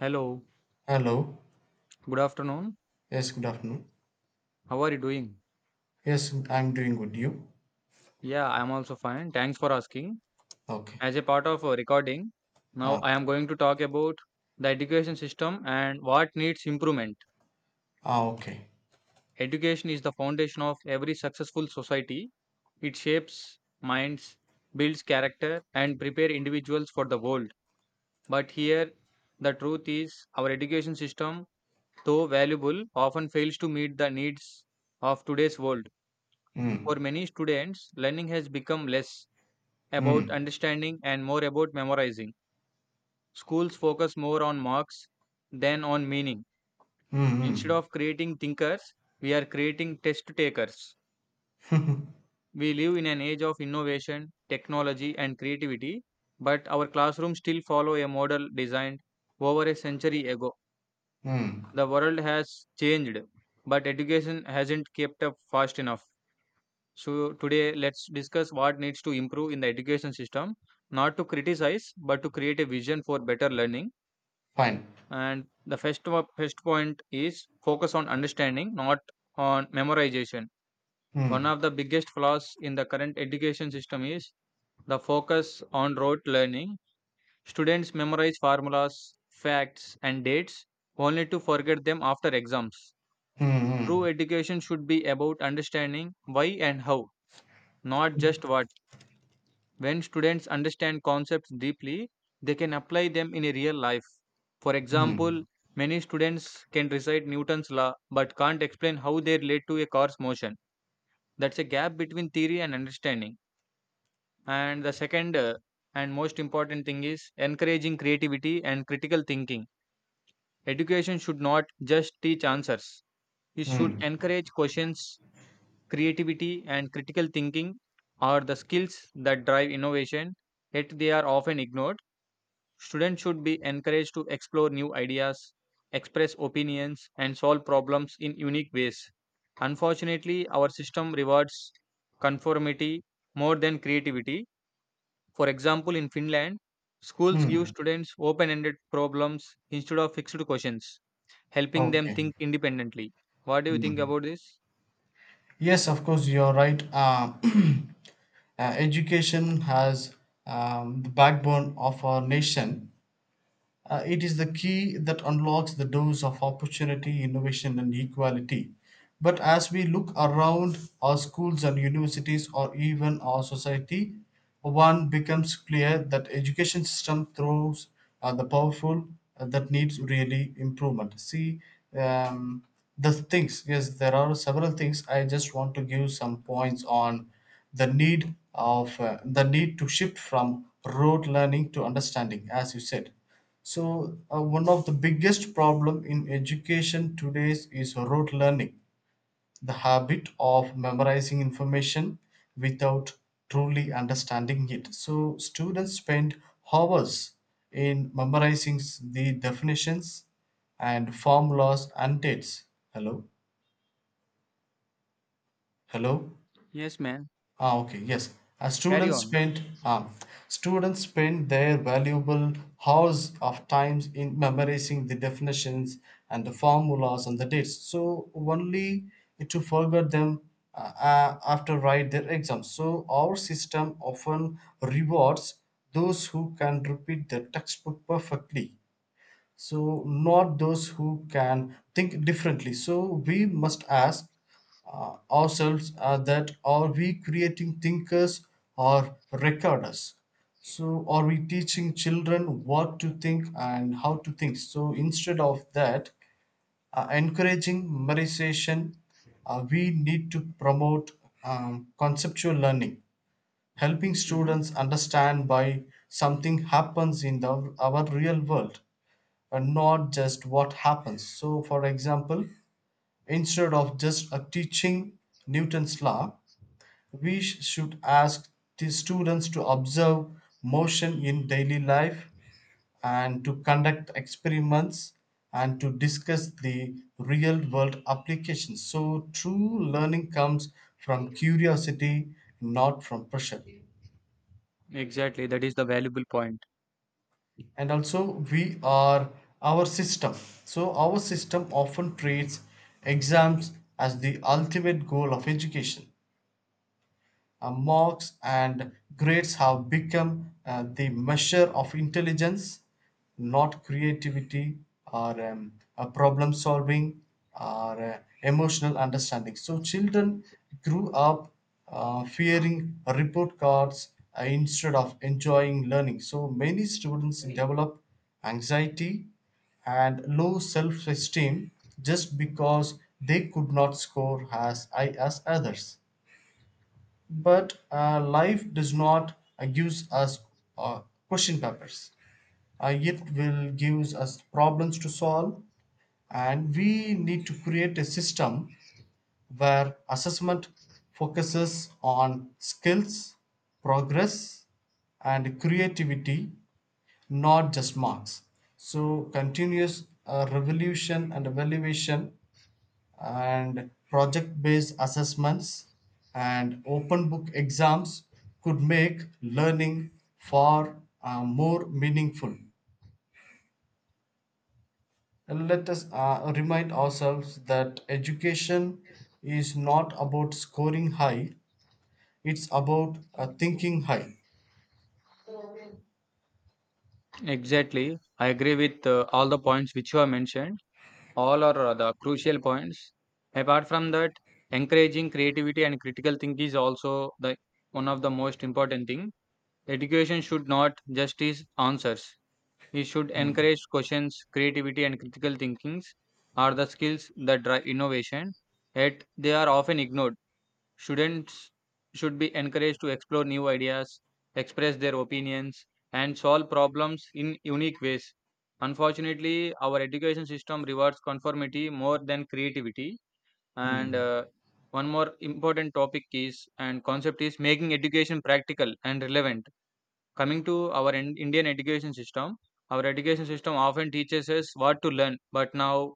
Hello, Hello. good afternoon. Yes, good afternoon. How are you doing? Yes, I'm doing good. You? Yeah, I'm also fine. Thanks for asking. Okay. As a part of a recording, now Ah, I am going to talk about the education system and what needs improvement. ah okay. Education is the foundation of every successful society. It shapes minds, builds character, and prepare individuals for the world. But here, the truth is our education system, though valuable, often fails to meet the needs of today's world. For Mm, many students, learning has become less about mm, understanding and more about memorizing. Schools focus more on marks than on meaning. Instead mm, of creating thinkers, we are creating test takers. mm, We live in an age of innovation, technology, and creativity, but our classrooms still follow a model designed over a century ago. mm. The world has changed, but education hasn't kept up fast enough. So, today let's discuss what needs to improve in the education system, not to criticize, but to create a vision for better learning. Fine. And the first point is focus on understanding, not on memorization. One Mm, of the biggest flaws in the current education system is the focus on rote learning. Students memorize formulas, facts, and dates only to forget them after exams. mm, True mm, education should be about understanding why and how, not just what. When students understand concepts deeply, they can apply them in a real life. For example, mm, many students can recite Newton's law but can't explain how they relate to a car's motion. That's a gap between theory and understanding. And the second and most important thing is encouraging creativity and critical thinking. Education should not just teach answers, it should mm, encourage questions, creativity, and critical thinking are the skills that drive innovation, yet they are often ignored. Students should be encouraged to explore new ideas, express opinions, and solve problems in unique ways. Unfortunately, our system rewards conformity more than creativity. For example, in Finland, schools give mm. students open ended problems instead of fixed questions, helping them Okay. think independently. What do you think Mm. about this? Yes, of course, you're right. Education has the backbone of our nation. It is the key that unlocks the doors of opportunity, innovation, and equality. But as we look around our schools and universities or even our society, one becomes clear that education system throws the powerful that needs really improvement. See, um, the things, yes, there are several things. I just want to give some points on the need of the need to shift from rote learning to understanding, as you said. So one of the biggest problem in education today is rote learning, the habit of memorizing information without truly understanding it. So students spend hours in memorizing the definitions and formulas and dates. Hello, hello. Yes, man. Ah, okay, yes. Carry Students on. spent um, students spend their valuable hours of times in memorizing the definitions and the formulas and the dates. So only to forget them after write their exams. So our system often rewards those who can repeat the textbook perfectly, so not those who can think differently. So we must ask ourselves that are we creating thinkers or recorders? So are we teaching children what to think and how to think? So instead of that encouraging memorization, we need to promote conceptual learning, helping Hmm. students understand why something happens in our real world and not just what happens. So, for example, instead of just teaching Newton's law, we should ask the students to observe motion in daily life and to conduct experiments and to discuss the real world applications. So, true learning comes from curiosity, not from pressure. Exactly. That is the valuable point. And also, we are our system, so our system often treats exams as the ultimate goal of education. Marks and grades have become the measure of intelligence, not creativity or problem solving or emotional understanding. So, children grew up fearing report cards instead of enjoying learning. So, many students develop anxiety and low self esteem just because they could not score as high as others. But life does not gives us uh, question papers. It will gives us problems to solve, and we need to create a system where assessment focuses on skills, progress, and creativity, not just marks. So continuous revolution and evaluation and project based assessments and open book exams could make learning far more meaningful. And let us remind ourselves that education is not about scoring high, it's about thinking high. Exactly. I agree with all the points which you have mentioned. All are the crucial points. Apart from that, encouraging creativity and critical thinking is also the one of the most important thing. Education should not just is answers, it should encourage questions. Creativity and critical thinkings are the skills that drive innovation, yet they are often ignored. Students should be encouraged to explore new ideas, express their opinions, and solve problems in unique ways. Unfortunately, our education system rewards conformity more than creativity. And Mm. One more important topic is and concept is making education practical and relevant. Coming to our Indian education system, our education system often teaches us what to learn,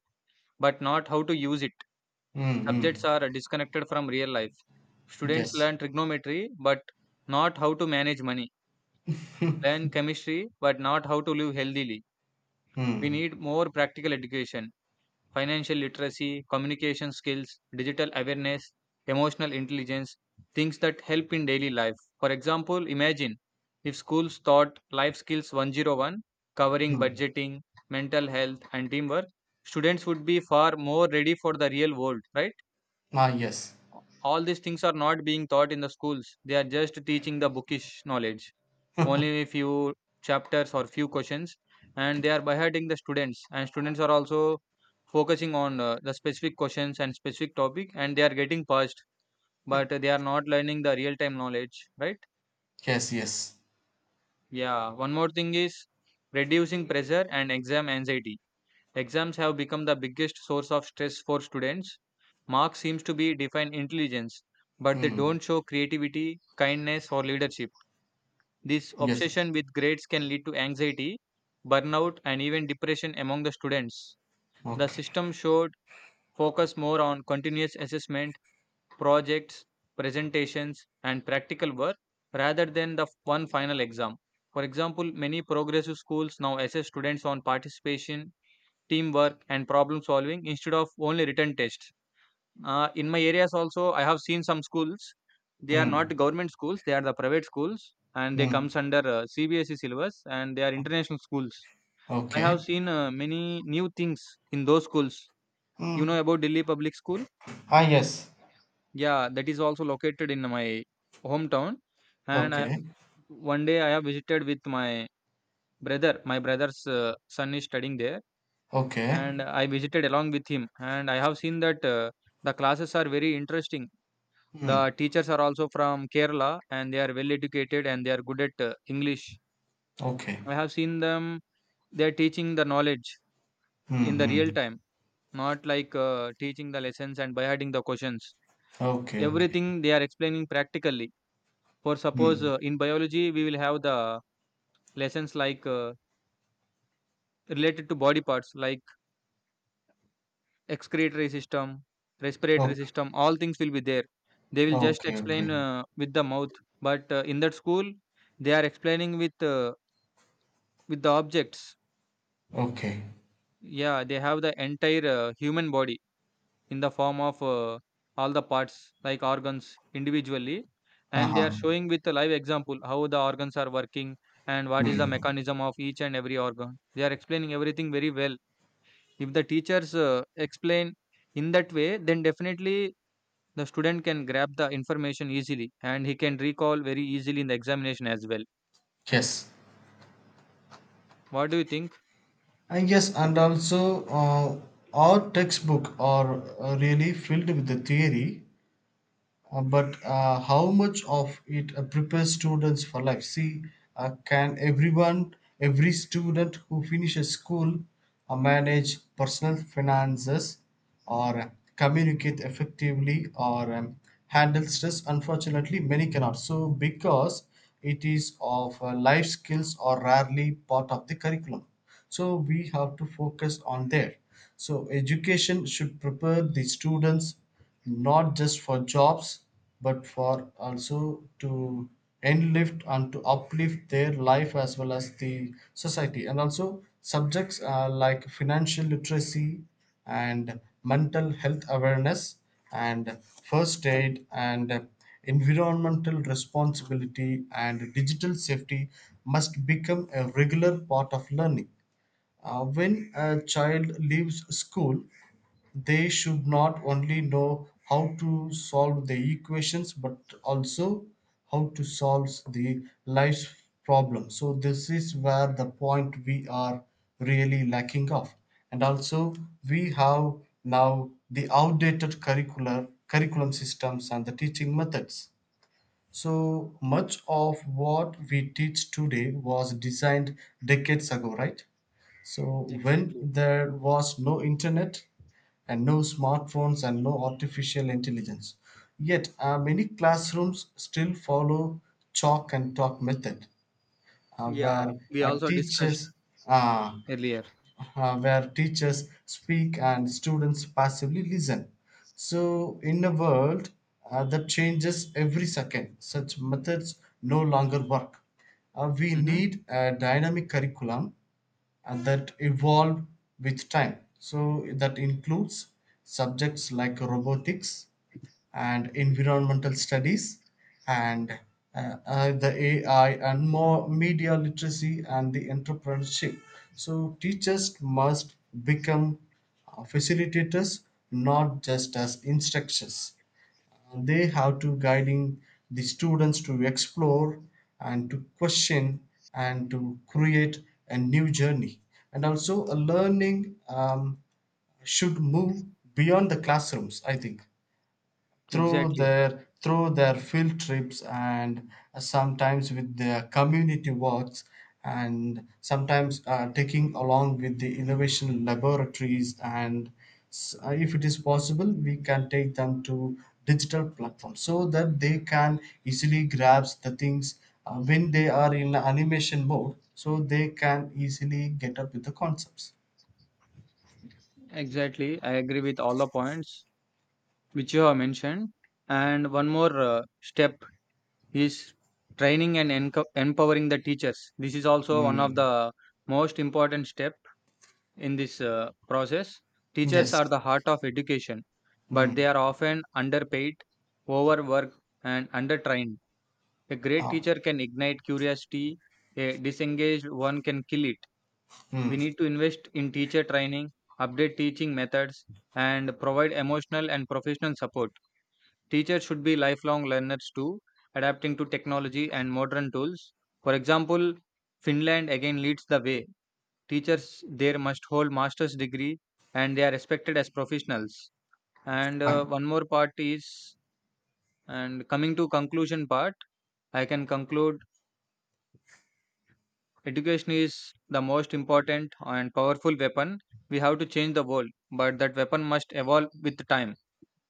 but not how to use it. Mm, Subjects mm. are disconnected from real life. Students Yes. learn trigonometry, but not how to manage money. Learn chemistry, but not how to live healthily. We Mm. need more practical education, financial literacy, communication skills, digital awareness, emotional intelligence, things that help in daily life. For example, imagine if schools taught life skills 101, covering Mm. budgeting, mental health, and teamwork, students would be far more ready for the real world, right? Ah, yes. All these things are not being taught in the schools. They are just teaching the bookish knowledge, only few chapters or few questions, and they are beheading the students. And students are also focusing on the specific questions and specific topic, and they are getting passed, but they are not learning the real time knowledge, right? Yes, yes. Yeah, one more thing is reducing pressure and exam anxiety. Exams have become the biggest source of stress for students. Marks seems to be define intelligence, but they Mm. don't show creativity, kindness or leadership. This Yes. obsession with grades can lead to anxiety, burnout and even depression among the students. The Okay. system should focus more on continuous assessment, projects, presentations and practical work rather than the one final exam. For example, many progressive schools now assess students on participation, teamwork and problem solving instead of only written tests. In my areas also, I have seen some schools. They are not Mm. government schools, they are the private schools, and they Mm. comes under CBSE syllabus, and they are international schools. I Okay. have seen many new things in those schools. You Mm. know about Delhi Public School? Ah, yes. Yeah, that is also located in my hometown. And I Okay. one day I have visited with my brother. My brother's son is studying there. And Okay. I visited along with him. And I have seen that the classes are very interesting. Hmm. The teachers are also from Kerala and they are well educated, and they are good at English. Okay. I have seen them, they are teaching the knowledge Hmm. in the hmm real time, not like teaching the lessons and by hiding the questions. Okay. Okay. Everything they are explaining practically. For suppose Hmm. In biology, we will have the lessons like related to body parts, like excretory system, respiratory Okay. system, all things will be there. They will just Okay. Okay. explain with the mouth, but in that school, they are explaining with the objects. Okay. Yeah, they have the entire human body in the form of all the parts like organs individually, and they are Uh-huh. showing with a live example how the organs are working and what is the Hmm. mechanism of each and every organ. They are explaining everything very well. If the teachers explain in that way, then definitely the student can grab the information easily, and he can recall very easily in the examination as well. Yes. What do you think? I guess, and also, our textbook are really filled with the theory. But how much of it prepares students for life? See, can everyone, every student who finishes school, manage personal finances or communicate effectively or handle stress? Unfortunately, many cannot. So, because it is of life skills are rarely part of the curriculum. So, we have to focus on there. So, education should prepare the students not just for jobs but for also to enlift and to uplift their life as well as the society, and also subjects like financial literacy and mental health awareness and first aid and environmental responsibility and digital safety must become a regular part of learning. When a child leaves school, they should not only know how to solve the equations but also how to solve the life's problem. So, this is where the point we are really lacking of. And also, we have now the outdated curricular curriculum systems and the teaching methods. So, much of what we teach today was designed decades ago, right? So when Exactly. there was no internet and no smartphones and no artificial intelligence, yet many classrooms still follow chalk and talk method, uh, Yeah, where we uh, also discussed teachers uh, earlier. Where teachers speak and students passively listen. So in a world that changes every second, such methods no longer work. We Hmm. need a dynamic curriculum and that evolve with time. So that includes subjects like robotics and environmental studies and the AI and more media literacy and the entrepreneurship. So teachers must become facilitators, not just as instructors. They have to guiding the students to explore and to question and to create a new journey. And also a learning should move beyond the classrooms, I think, through Exactly. their field trips and sometimes with their community works and sometimes taking along with the innovation laboratories and if it is possible we can take them to digital platforms so that they can easily grasp the things when they are in animation mode so they can easily get up with the concepts. Exactly I agree with all the points which you have mentioned. And one more step is training and empowering the teachers. This is also one of the mm. most important step. In this process, teachers are Yes. the heart of education, but mm. they are often underpaid, overworked, and undertrained. A great Uh, teacher can ignite curiosity, a disengaged one can kill it. We mm. need to invest in teacher training, update teaching methods, and provide emotional and professional support. Teachers should be lifelong learners too, adapting to technology and modern tools. For example, Finland again leads the way. Teachers there must hold master's degree, and they are respected as professionals. And Fine. one more part is and coming to conclusion part, I can conclude education is the most important and powerful weapon. We have to change the world, but that weapon must evolve with time.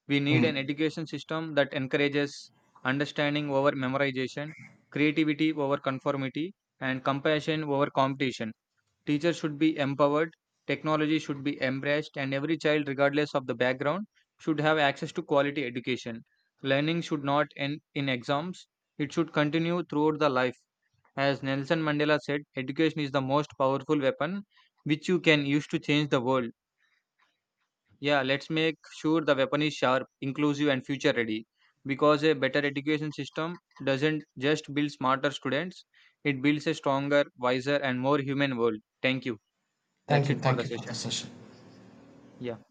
We need an mm. education system that encourages understanding over memorization, creativity over conformity, and compassion over competition. Teachers should be empowered, technology should be embraced, and every child, regardless of the background, should have access to quality education. Learning should not end in exams, it should continue throughout the life. As Nelson Mandela said, education is the most powerful weapon which you can use to change the world. Yeah, let's make sure the weapon is sharp, inclusive, and future ready. Because a better education system doesn't just build smarter students, it builds a stronger, wiser, and more human world. Thank you. That's it for Thank the you for the session. session. Yeah.